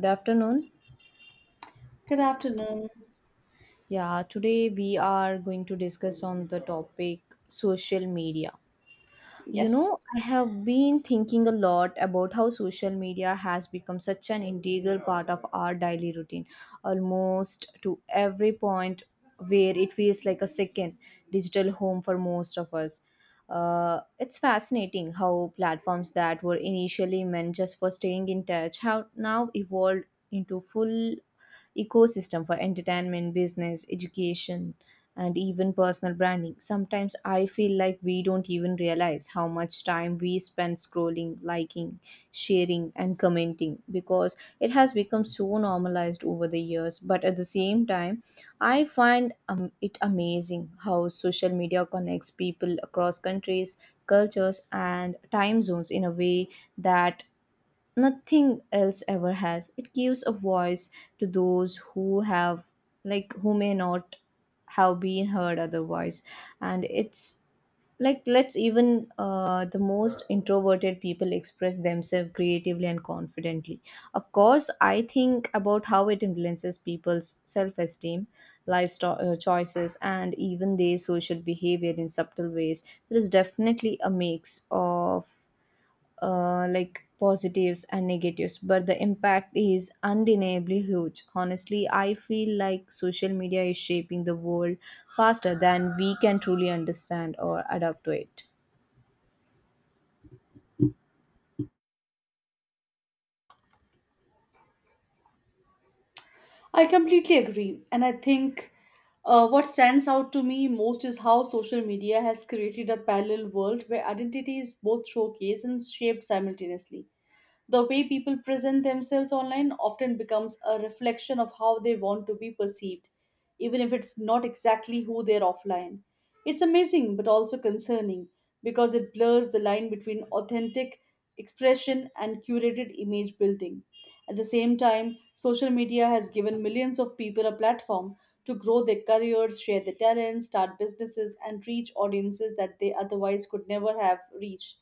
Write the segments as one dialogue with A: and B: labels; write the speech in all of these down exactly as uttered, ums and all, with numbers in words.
A: Good afternoon.
B: Good afternoon.
A: Yeah, today we are going to discuss on the topic social media. You know,
B: Yes,
A: I have been thinking a lot about how social media has become such an integral part of our daily routine. Almost to every point where it feels like a second digital home for most of us. Uh, it's fascinating how platforms that were initially meant just for staying in touch have now evolved into full ecosystem for entertainment, business, education, and even personal branding. Sometimes I feel like we don't even realize how much time we spend scrolling, liking, sharing, and commenting because it has become so normalized over the years. But at the same time, I find um, it amazing how social media connects people across countries, cultures, and time zones in a way that nothing else ever has. It gives a voice to those who have like who may not have been heard otherwise, and it's like lets even uh, the most introverted people express themselves creatively and confidently. Of course, I think about how it influences people's self-esteem, lifestyle uh, choices, and even their social behavior in subtle ways. There is definitely a mix of uh, like positives and negatives, but the impact is undeniably huge. Honestly, I feel like social media is shaping the world faster than we can truly understand or adapt to it.
B: I completely agree. And I think uh, what stands out to me most is how social media has created a parallel world where identity is both showcased and shaped simultaneously. The way people present themselves online often becomes a reflection of how they want to be perceived, even if it's not exactly who they're offline. It's amazing but also concerning because it blurs the line between authentic expression and curated image building. At the same time, social media has given millions of people a platform to grow their careers, share their talents, start businesses, and reach audiences that they otherwise could never have reached.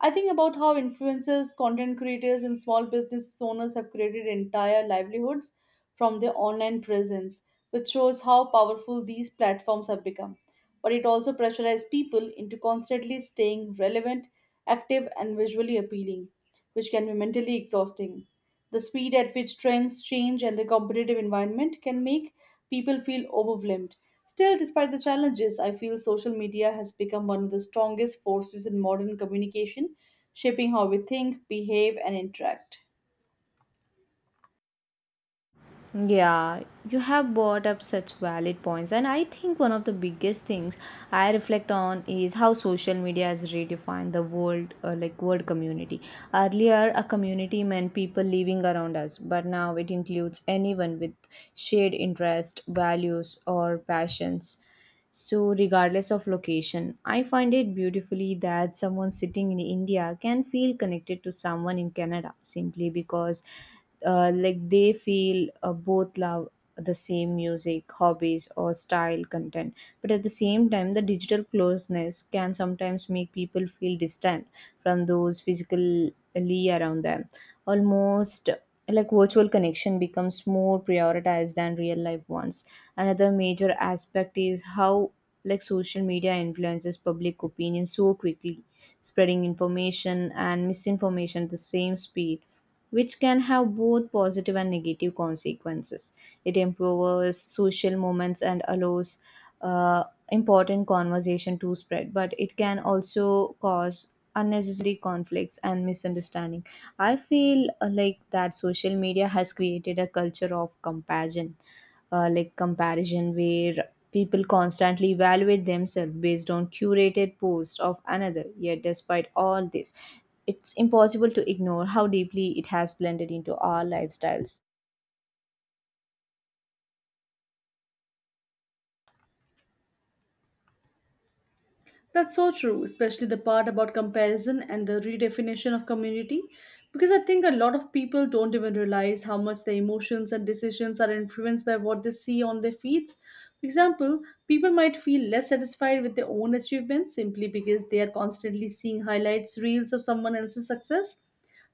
B: I think about how influencers, content creators, and small business owners have created entire livelihoods from their online presence, which shows how powerful these platforms have become. But it also pressurizes people into constantly staying relevant, active, and visually appealing, which can be mentally exhausting. The speed at which trends change and the competitive environment can make people feel overwhelmed. Still, despite the challenges, I feel social media has become one of the strongest forces in modern communication, shaping how we think, behave, and interact.
A: Yeah, you have brought up such valid points, and I think one of the biggest things I reflect on is how social media has redefined the world, uh, like world community. Earlier, a community meant people living around us, but now it includes anyone with shared interest, values, or passions. So, regardless of location, I find it beautifully that someone sitting in India can feel connected to someone in Canada simply because uh, like they feel uh, both love the same music, hobbies, or style content. But at the same time, the digital closeness can sometimes make people feel distant from those physically around them, almost like virtual connection becomes more prioritized than real life ones. Another major aspect is how like social media influences public opinion so quickly, spreading information and misinformation at the same speed, which can have both positive and negative consequences. It improves social moments and allows uh, important conversation to spread, but it can also cause unnecessary conflicts and misunderstanding. I feel uh, like that social media has created a culture of comparison, uh, like comparison where people constantly evaluate themselves based on curated posts of another. Yet despite all this, it's impossible to ignore how deeply it has blended into our lifestyles.
B: That's so true, especially the part about comparison and the redefinition of community, because I think a lot of people don't even realize how much their emotions and decisions are influenced by what they see on their feeds. For example, people might feel less satisfied with their own achievements simply because they are constantly seeing highlights, reels of someone else's success,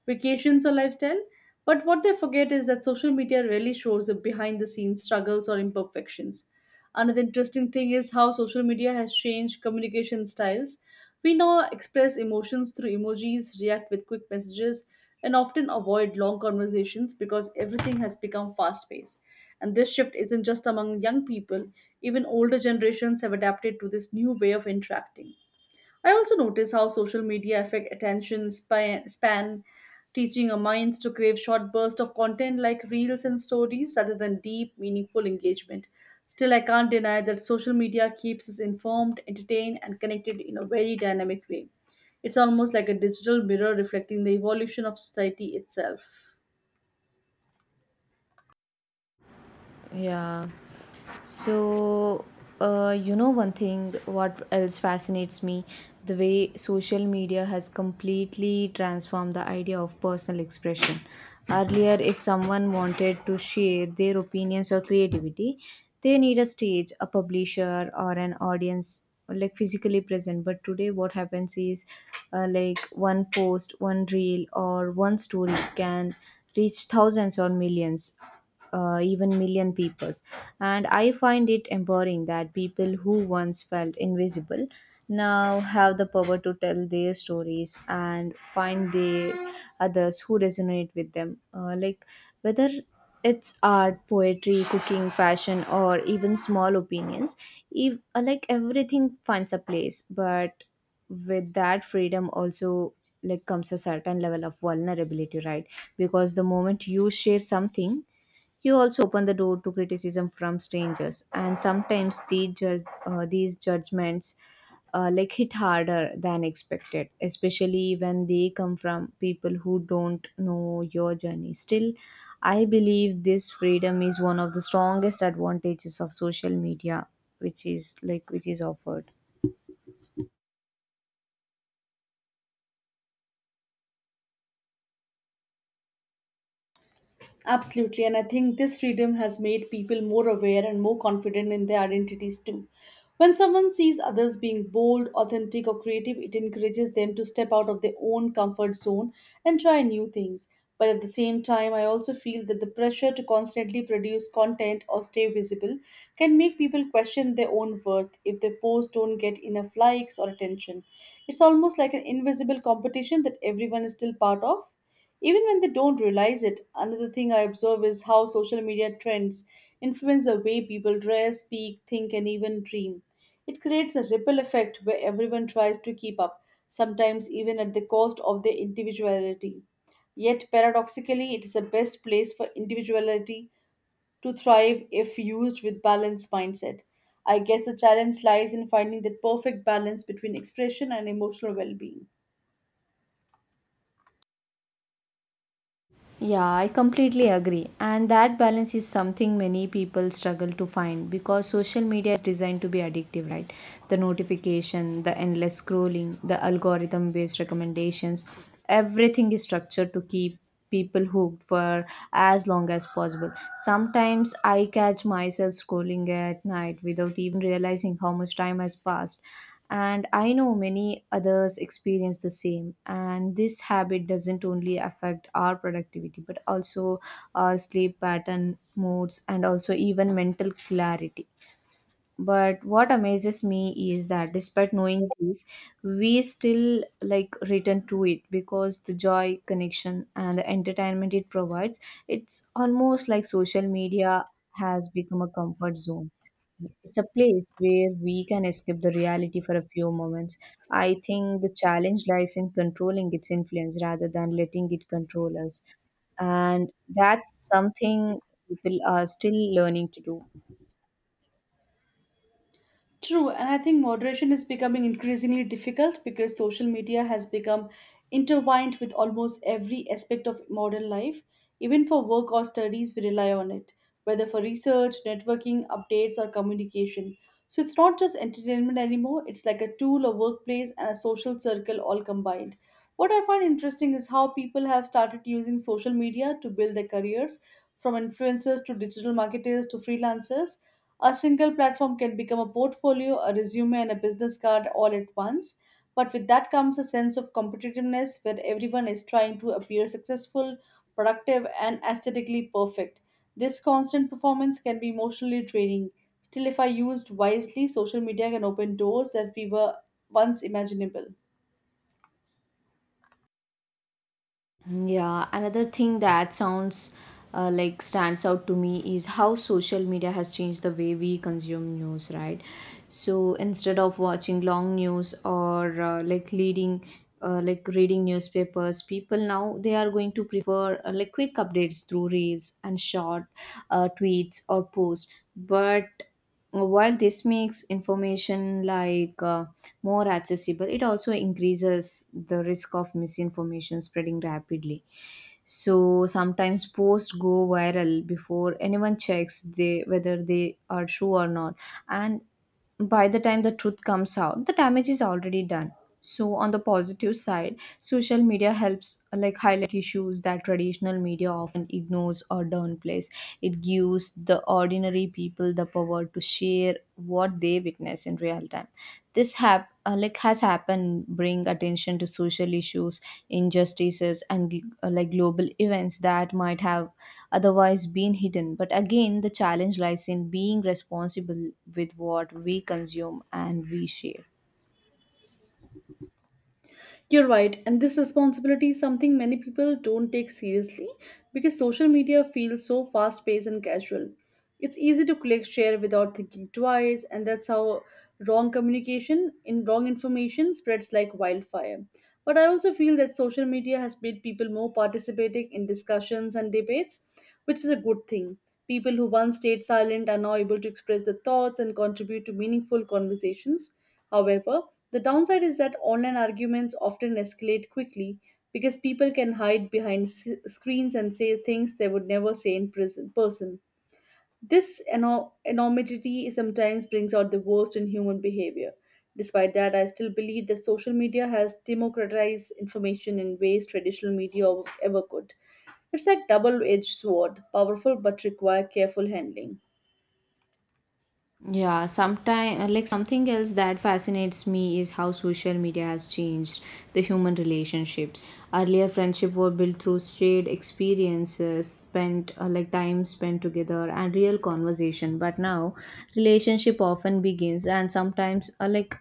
B: vacations, or lifestyle. But what they forget is that social media rarely shows the behind the scenes struggles or imperfections. Another interesting thing is how social media has changed communication styles. We now express emotions through emojis, react with quick messages, and often avoid long conversations because everything has become fast paced. And this shift isn't just among young people, even older generations have adapted to this new way of interacting. I also notice how social media affect attention span, span teaching our minds to crave short bursts of content like reels and stories rather than deep, meaningful engagement. Still, I can't deny that social media keeps us informed, entertained, and connected in a very dynamic way. It's almost like a digital mirror reflecting the evolution of society itself.
A: Yeah. So, uh, you know, one thing what else fascinates me, the way social media has completely transformed the idea of personal expression. Earlier, if someone wanted to share their opinions or creativity, they need a stage, a publisher, or an audience like physically present. But today, what happens is uh, like one post, one reel, or one story can reach thousands or millions, uh, even million peoples. And I find it empowering that people who once felt invisible now have the power to tell their stories and find the others who resonate with them. Uh, like whether it's art, poetry, cooking, fashion, or even small opinions, if, uh, like everything finds a place. But with that freedom also like comes a certain level of vulnerability, right? Because the moment you share something, you also open the door to criticism from strangers, and sometimes the judge, uh, these judgments uh, like hit harder than expected, especially when they come from people who don't know your journey. Still, I believe this freedom is one of the strongest advantages of social media, which is like which is offered.
B: Absolutely, and I think this freedom has made people more aware and more confident in their identities too. When someone sees others being bold, authentic, or creative, it encourages them to step out of their own comfort zone and try new things. But at the same time, I also feel that the pressure to constantly produce content or stay visible can make people question their own worth if their posts don't get enough likes or attention. It's almost like an invisible competition that everyone is still part of. Even when they don't realize it, another thing I observe is how social media trends influence the way people dress, speak, think, and even dream. It creates a ripple effect where everyone tries to keep up, sometimes even at the cost of their individuality. Yet, paradoxically, it is the best place for individuality to thrive if used with balanced mindset. I guess the challenge lies in finding that perfect balance between expression and emotional well being.
A: Yeah, I completely agree. And that balance is something many people struggle to find because social media is designed to be addictive, right? The notification, the endless scrolling, the algorithm based recommendations, everything is structured to keep people hooked for as long as possible. Sometimes I catch myself scrolling at night without even realizing how much time has passed, and I know many others experience the same. And this habit doesn't only affect our productivity, but also our sleep pattern, moods, and also even mental clarity. But what amazes me is that despite knowing this, we still like return to it because the joy, connection, and the entertainment it provides. It's almost like social media has become a comfort zone. It's a place where we can escape the reality for a few moments. I think the challenge lies in controlling its influence rather than letting it control us, and that's something people are still learning to do.
B: True, and I think moderation is becoming increasingly difficult because social media has become intertwined with almost every aspect of modern life. Even for work or studies, we rely on it, whether for research, networking, updates, or communication. So it's not just entertainment anymore, it's like a tool, a workplace, and a social circle all combined. What I find interesting is how people have started using social media to build their careers, from influencers to digital marketers to freelancers. A single platform can become a portfolio, a resume, and a business card all at once. But with that comes a sense of competitiveness where everyone is trying to appear successful, productive, and aesthetically perfect. This constant performance can be emotionally draining. Still, if I used wisely, social media can open doors that we were once imaginable.
A: Yeah, another thing that sounds uh, like stands out to me is how social media has changed the way we consume news, right? So instead of watching long news or uh, like leading, uh, like reading newspapers, people now they are going to prefer uh, like quick updates through reels and short uh, tweets or posts. But while this makes information like uh, more accessible, it also increases the risk of misinformation spreading rapidly. So sometimes posts go viral before anyone checks they whether they are true or not. And by the time the truth comes out, the damage is already done. So on the positive side, social media helps uh, like highlight issues that traditional media often ignores or downplays. It gives the ordinary people the power to share what they witness in real time. This hap- uh, like has happened, bring attention to social issues, injustices, and gl- uh, like global events that might have otherwise been hidden. But again, the challenge lies in being responsible with what we consume and we share.
B: You're right, and this responsibility is something many people don't take seriously because social media feels so fast paced and casual. It's easy to click share without thinking twice, and that's how wrong communication in wrong information spreads like wildfire. But I also feel that social media has made people more participating in discussions and debates, which is a good thing. People who once stayed silent are now able to express their thoughts and contribute to meaningful conversations. However, the downside is that online arguments often escalate quickly because people can hide behind s- screens and say things they would never say in prison- person. This eno- enormity sometimes brings out the worst in human behavior. Despite that, I still believe that social media has democratized information in ways traditional media ever could. It's like double-edged sword, powerful but require careful handling.
A: Yeah, sometime uh, like something else that fascinates me is how social media has changed the human relationships. Earlier, friendship were built through shared experiences, spent uh, like time spent together, and real conversation. But now, relationship often begins and sometimes uh, like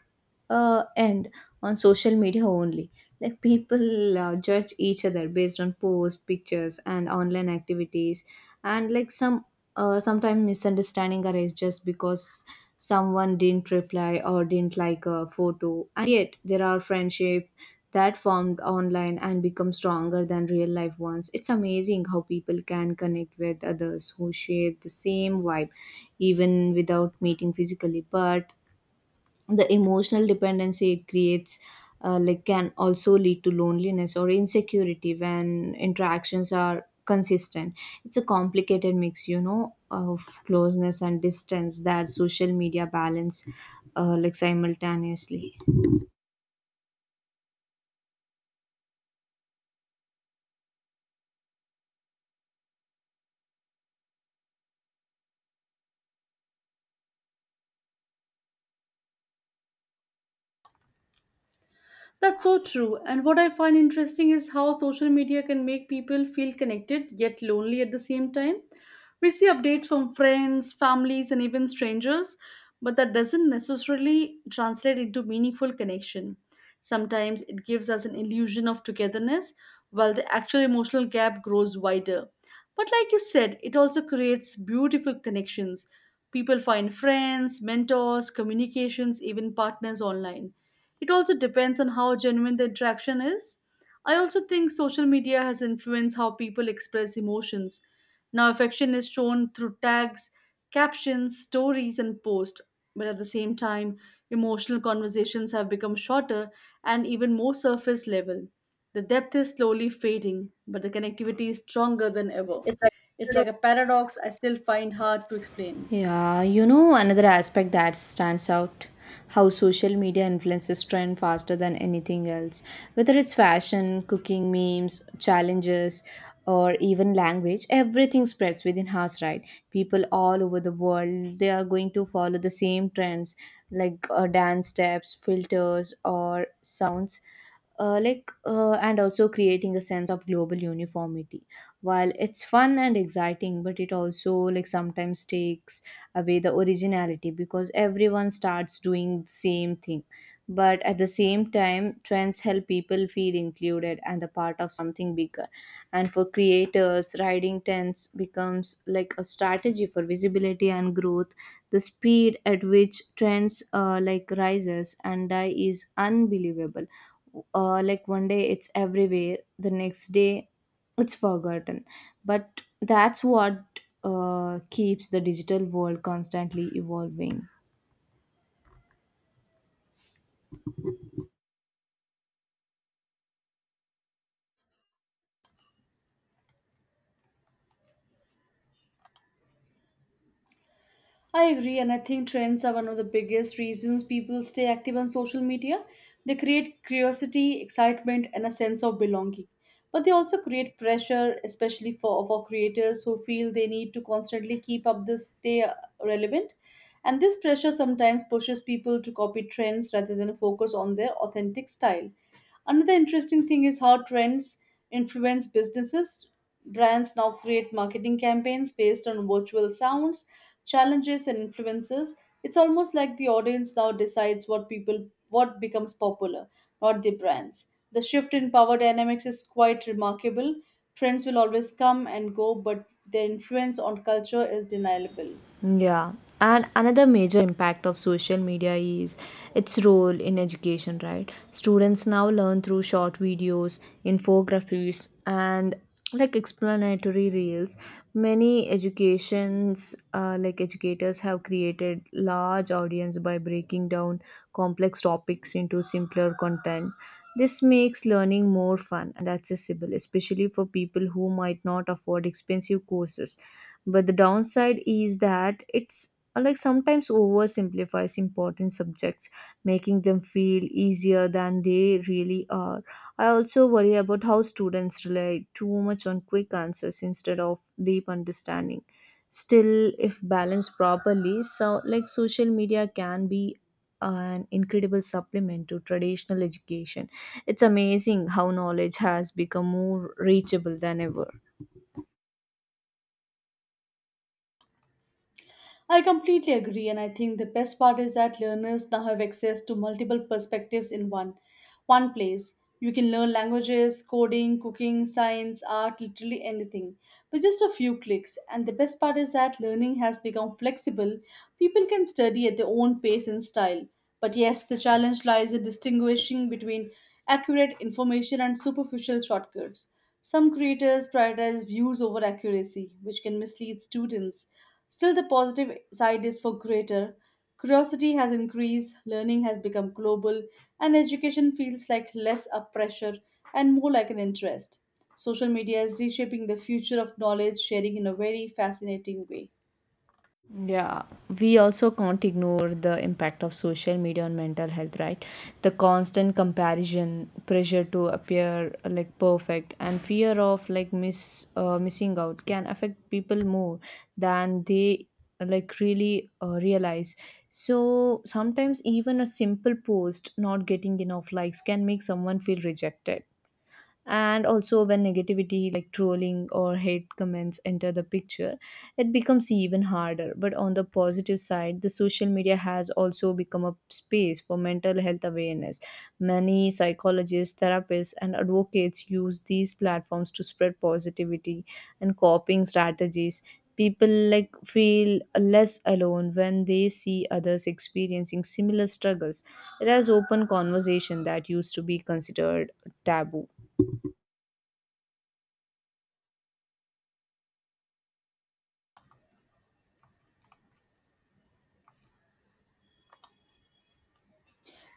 A: uh, end on social media only. Like people uh, judge each other based on posts, pictures, and online activities, and like some uh, sometimes misunderstanding arise just because someone didn't reply or didn't like a photo. And yet there are friendship that formed online and become stronger than real life ones. It's amazing how people can connect with others who share the same vibe, even without meeting physically. But the emotional dependency it creates uh, like can also lead to loneliness or insecurity when interactions are consistent. It's a complicated mix, you know, of closeness and distance that social media balance uh, like simultaneously.
B: That's so true. And what I find interesting is how social media can make people feel connected yet lonely at the same time. We see updates from friends, families, and even strangers, but that doesn't necessarily translate into meaningful connection. Sometimes it gives us an illusion of togetherness, while the actual emotional gap grows wider. But like you said, it also creates beautiful connections. People find friends, mentors, communications, even partners online. It also depends on how genuine the interaction is. I also think social media has influenced how people express emotions. Now, affection is shown through tags, captions, stories, and posts. But at the same time, emotional conversations have become shorter and even more surface level. The depth is slowly fading, but the connectivity is stronger than ever.
A: It's like.
B: It's like a paradox I still find hard to explain.
A: Yeah, you know, another aspect that stands out, how social media influences trend faster than anything else. Whether it's fashion, cooking, memes, challenges, or even language, everything spreads within hours, right? People all over the world, they are going to follow the same trends like uh, dance steps, filters, or sounds. Uh, like uh, and also creating a sense of global uniformity. While it's fun and exciting, but it also like sometimes takes away the originality because everyone starts doing the same thing. But at the same time, trends help people feel included and the part of something bigger. And for creators, riding trends becomes like a strategy for visibility and growth. The speed at which trends uh, like rises and die is unbelievable. uh, like one day it's everywhere, the next day it's forgotten. But that's what uh, keeps the digital world constantly evolving.
B: I agree, and I think trends are one of the biggest reasons people stay active on social media. They create curiosity, excitement, and a sense of belonging. But they also create pressure, especially for, for creators who feel they need to constantly keep up this stay uh, relevant. And this pressure sometimes pushes people to copy trends rather than focus on their authentic style. Another interesting thing is how trends influence businesses. Brands now create marketing campaigns based on virtual sounds, challenges, and influences. It's almost like the audience now decides what people what becomes popular, not the brands. The shift in power dynamics is quite remarkable. Trends will always come and go, but their influence on culture is undeniable.
A: Yeah. And another major impact of social media is its role in education, right? Students now learn through short videos, infographies, and like explanatory reels. Many educations, uh, like educators, have created large audience by breaking down complex topics into simpler content. This makes learning more fun and accessible, especially for people who might not afford expensive courses. But the downside is that it's uh, like sometimes oversimplifies important subjects, making them feel easier than they really are. I also worry about how students rely too much on quick answers instead of deep understanding. Still, if balanced properly, so like social media can be an incredible supplement to traditional education. It's amazing how knowledge has become more reachable than ever.
B: I completely agree, and I think the best part is that learners now have access to multiple perspectives in one one place. You can learn languages, coding, cooking, science, art, literally anything with just a few clicks. And the best part is that learning has become flexible. People can study at their own pace and style. But yes, the challenge lies in distinguishing between accurate information and superficial shortcuts. Some creators prioritize views over accuracy, which can mislead students. Still, the positive side is for greater. Curiosity has increased, learning has become global, and education feels like less a pressure and more like an interest. Social media is reshaping the future of knowledge sharing in a very fascinating way.
A: Yeah, we also can't ignore the impact of social media on mental health, right? The constant comparison, pressure to appear uh, like perfect, and fear of like miss uh, missing out can affect people more than they uh, like really uh, realize. So sometimes even a simple post not getting enough likes can make someone feel rejected, and also when negativity like trolling or hate comments enter the picture, it becomes even harder. But on the positive side, the social media has also become a space for mental health awareness. Many psychologists, therapists and advocates use these platforms to spread positivity and coping strategies. People like feel less alone when they see others experiencing similar struggles. It has open conversation that used to be considered taboo.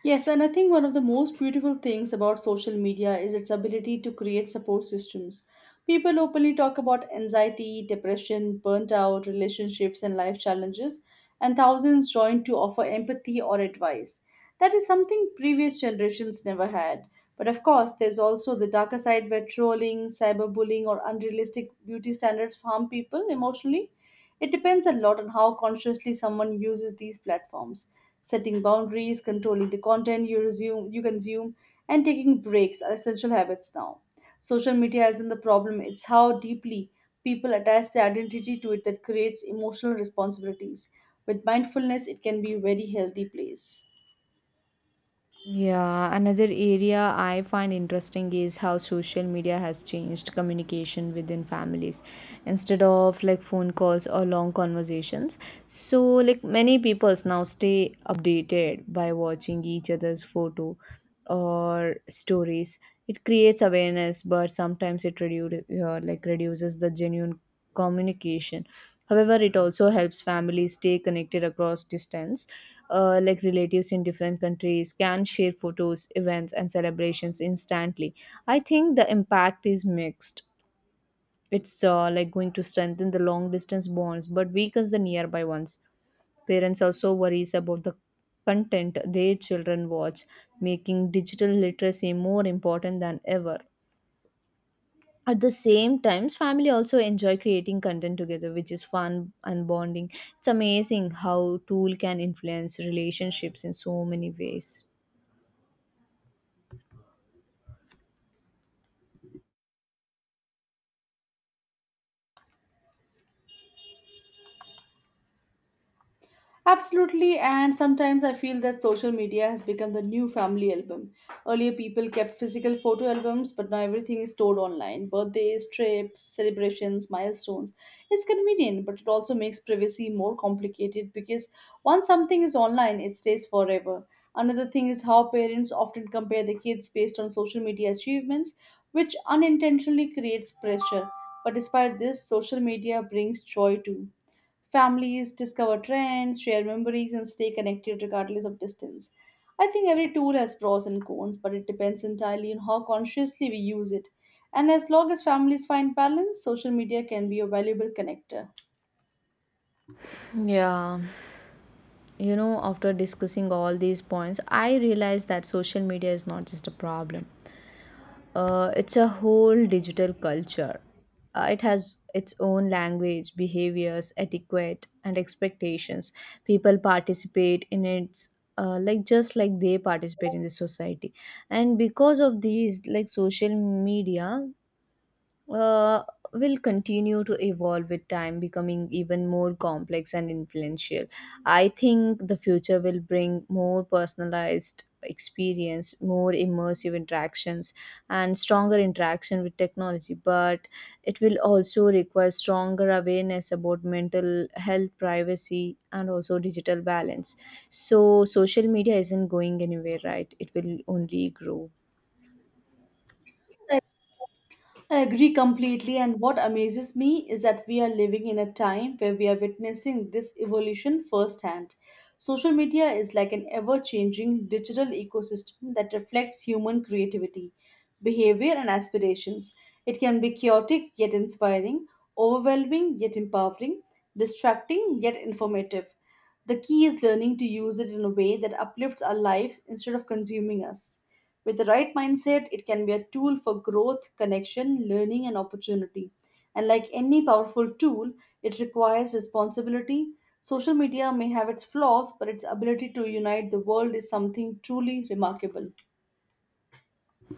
B: Yes, and I think one of the most beautiful things about social media is its ability to create support systems. People openly talk about anxiety, depression, burnt out, relationships, and life challenges, and thousands join to offer empathy or advice. That is something previous generations never had. But of course, there's also the darker side where trolling, cyberbullying, or unrealistic beauty standards harm people emotionally. It depends a lot on how consciously someone uses these platforms. Setting boundaries, controlling the content you resume, you consume, and taking breaks are essential habits now. Social media isn't the problem, it's how deeply people attach their identity to it that creates emotional responsibilities. With mindfulness, it can be a very healthy place.
A: Yeah, another area I find interesting is how social media has changed communication within families instead of like phone calls or long conversations. So like many peoples now stay updated by watching each other's photo or stories. It creates awareness, but sometimes it reduce, uh, like reduces the genuine communication. However, it also helps families stay connected across distance. Uh, like relatives in different countries can share photos, events, and celebrations instantly. I think the impact is mixed. It's uh, like going to strengthen the long distance bonds but weakens the nearby ones. Parents also worries about the content their children watch, making digital literacy more important than ever. At the same times, family also enjoy creating content together, which is fun and bonding. It's amazing how tool can influence relationships in so many ways.
B: Absolutely, and sometimes I feel that social media has become the new family album. Earlier, people kept physical photo albums, but now everything is stored online birthdays, trips, celebrations, milestones. It's convenient, but it also makes privacy more complicated because once something is online, it stays forever. Another thing is how parents often compare their kids based on social media achievements, which unintentionally creates pressure. But despite this, social media brings joy too. Families discover trends, share memories, and stay connected regardless of distance. I think every tool has pros and cons, but it depends entirely on how consciously we use it. And as long as families find balance, social media can be a valuable connector.
A: Yeah, you know, after discussing all these points, I realized that social media is not just a problem. Uh, it's a whole digital culture. Uh, it has its own language, behaviors, etiquette, and expectations. People participate in its uh, like just like they participate in the society, and because of these, like social media uh, will continue to evolve with time, becoming even more complex and influential. I think the future will bring more personalized experience, more immersive interactions, and stronger interaction with technology. But it will also require stronger awareness about mental health, privacy, and also digital balance. So, social media isn't going anywhere, right? It will only grow.
B: I agree completely, and what amazes me is that we are living in a time where we are witnessing this evolution firsthand. Social media is like an ever changing digital ecosystem that reflects human creativity, behavior, and aspirations. It can be chaotic yet inspiring, overwhelming yet empowering, distracting yet informative. The key is learning to use it in a way that uplifts our lives instead of consuming us. With the right mindset, it can be a tool for growth, connection, learning, and opportunity. And like any powerful tool, it requires responsibility. Social media may have its flaws, but its ability to unite the world is something truly remarkable.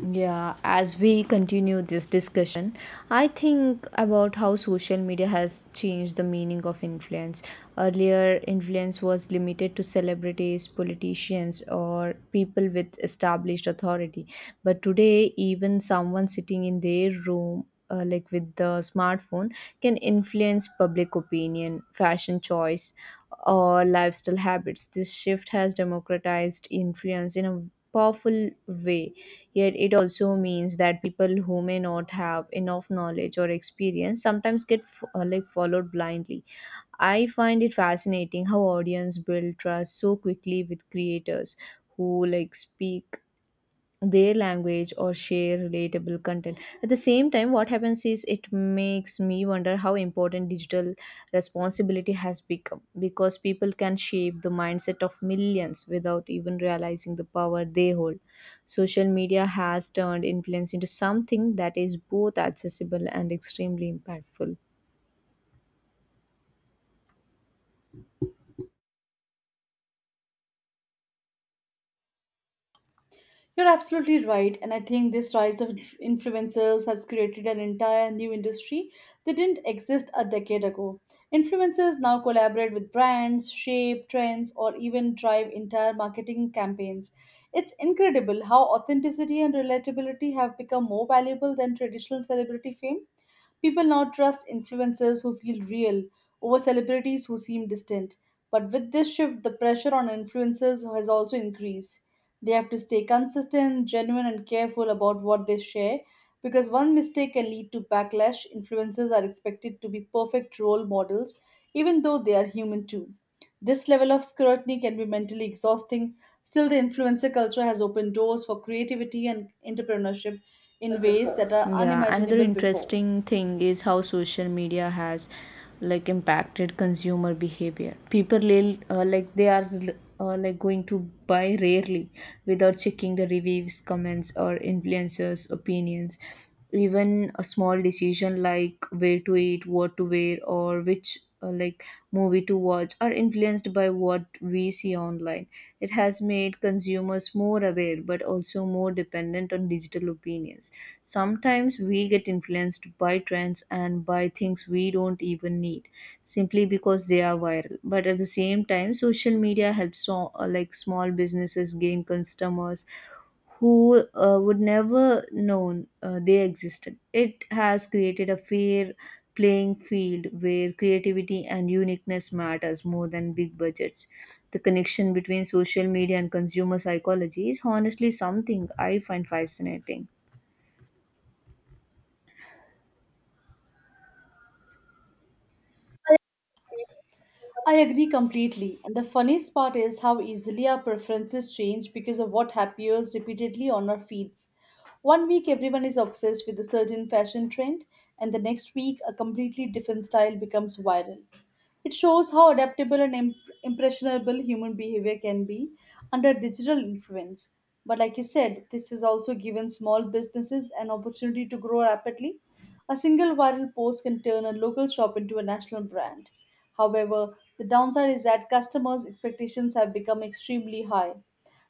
A: Yeah, as we continue this discussion, I think about how social media has changed the meaning of influence. Earlier, influence was limited to celebrities, politicians, or people with established authority. But today, even someone sitting in their room uh, like with the smartphone can influence public opinion, fashion choice, or lifestyle habits. This shift has democratized influence in a powerful way. Yet it also means that people who may not have enough knowledge or experience sometimes get f- uh, like followed blindly. I find it fascinating how audience build trust so quickly with creators who like speak their language or share relatable content. At the same time, what happens is it makes me wonder how important digital responsibility has become, because people can shape the mindset of millions without even realizing the power they hold. Social media has turned influence into something that is both accessible and extremely impactful.
B: You're absolutely right, and I think this rise of inf- influencers has created an entire new industry that didn't exist a decade ago. Influencers now collaborate with brands, shape trends, or even drive entire marketing campaigns. It's incredible how authenticity and relatability have become more valuable than traditional celebrity fame. People now trust influencers who feel real over celebrities who seem distant. But with this shift, the pressure on influencers has also increased. They have to stay consistent, genuine, and careful about what they share because one mistake can lead to backlash. Influencers are expected to be perfect role models, even though they are human too. This level of scrutiny can be mentally exhausting. Still, the influencer culture has opened doors for creativity and entrepreneurship in ways that are
A: Yeah, another
B: unimaginable before.
A: interesting thing is how social media has like impacted consumer behavior. People li- uh, like they are uh, like going to buy rarely without checking the reviews, comments, or influencers' opinions. Even a small decision like where to eat, what to wear, or which uh, like movie to watch are influenced by what we see online. It has made consumers more aware but also more dependent on digital opinions. Sometimes we get influenced by trends and by things we don't even need simply because they are viral. But at the same time, social media helps so, uh, like small businesses gain customers who uh, would never known uh, they existed. It has created a fair playing field where creativity and uniqueness matters more than big budgets. The connection between social media and consumer psychology is honestly something I find fascinating.
B: I agree completely. And the funniest part is how easily our preferences change because of what appears repeatedly on our feeds. One week, everyone is obsessed with a certain fashion trend, and the next week, a completely different style becomes viral. It shows how adaptable and imp- impressionable human behavior can be under digital influence. But like you said, this has also given small businesses an opportunity to grow rapidly. A single viral post can turn a local shop into a national brand. However, the downside is that customers' expectations have become extremely high.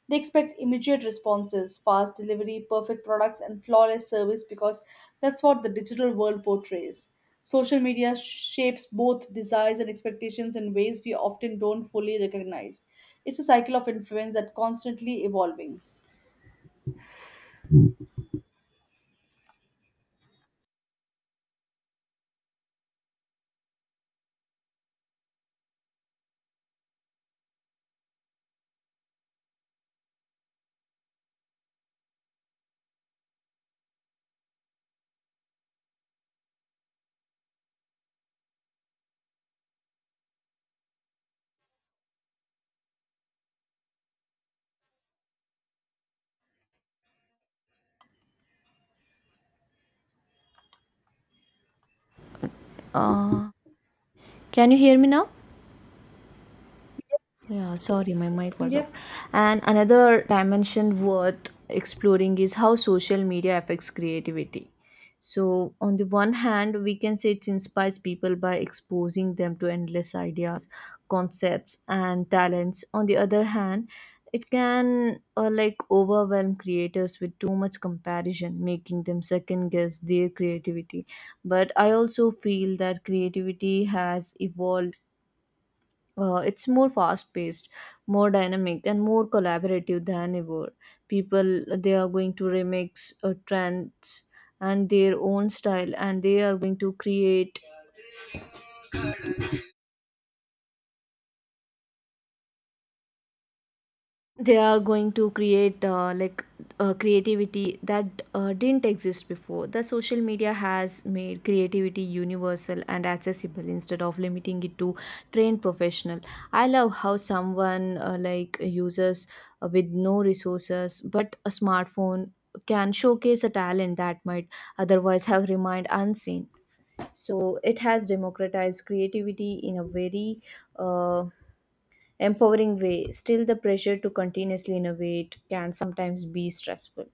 B: They expect immediate responses, fast delivery, perfect products, and flawless service because that's what the digital world portrays. Social media shapes both desires and expectations in ways we often don't fully recognize. It's a cycle of influence that's constantly evolving.
A: Uh, Can you hear me now? Yeah, sorry, my mic was off.
B: Yep.
A: And another dimension worth exploring is how social media affects creativity. So, on the one hand, we can say it inspires people by exposing them to endless ideas, concepts, and talents. On the other hand, it can uh, like overwhelm creators with too much comparison, making them second guess their creativity. But I also feel that creativity has evolved. Uh, it's more fast paced, more dynamic and more collaborative than ever. People, they are going to remix uh, trends and their own style, and they are going to create, they are going to create uh, like uh, creativity that uh, didn't exist before. The social media has made creativity universal and accessible instead of limiting it to trained professional. I love how someone, uh, like users uh, with no resources but a smartphone, can showcase a talent that might otherwise have remained unseen. So it has democratized creativity in a very uh, empowering way. Still, the pressure to continuously innovate can sometimes be stressful.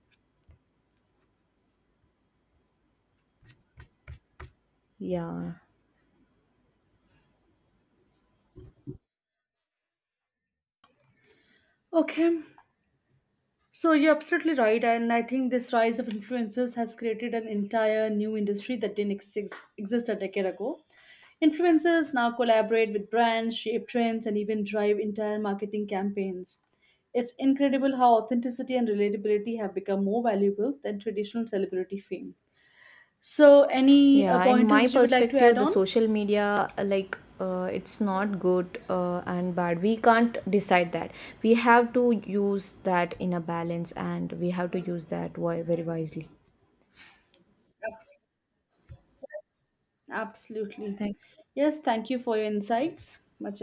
A: Yeah.
B: Okay. So you're absolutely right, and I think this rise of influencers has created an entire new industry that didn't exist, exist a decade ago. Influencers now collaborate with brands, shape trends, and even drive entire marketing campaigns. It's incredible how authenticity and relatability have become more valuable than traditional celebrity fame. So, any uh,
A: Yeah. In
B: pointers
A: my
B: which you would like to add
A: perspective, the
B: on?
A: social media, uh, like, uh, it's not good uh, and bad. We can't decide that. We have to use that in a balance, and we have to use that wi- very wisely.
B: Absolutely.
A: Thank
B: Yes, thank you for your insights. Much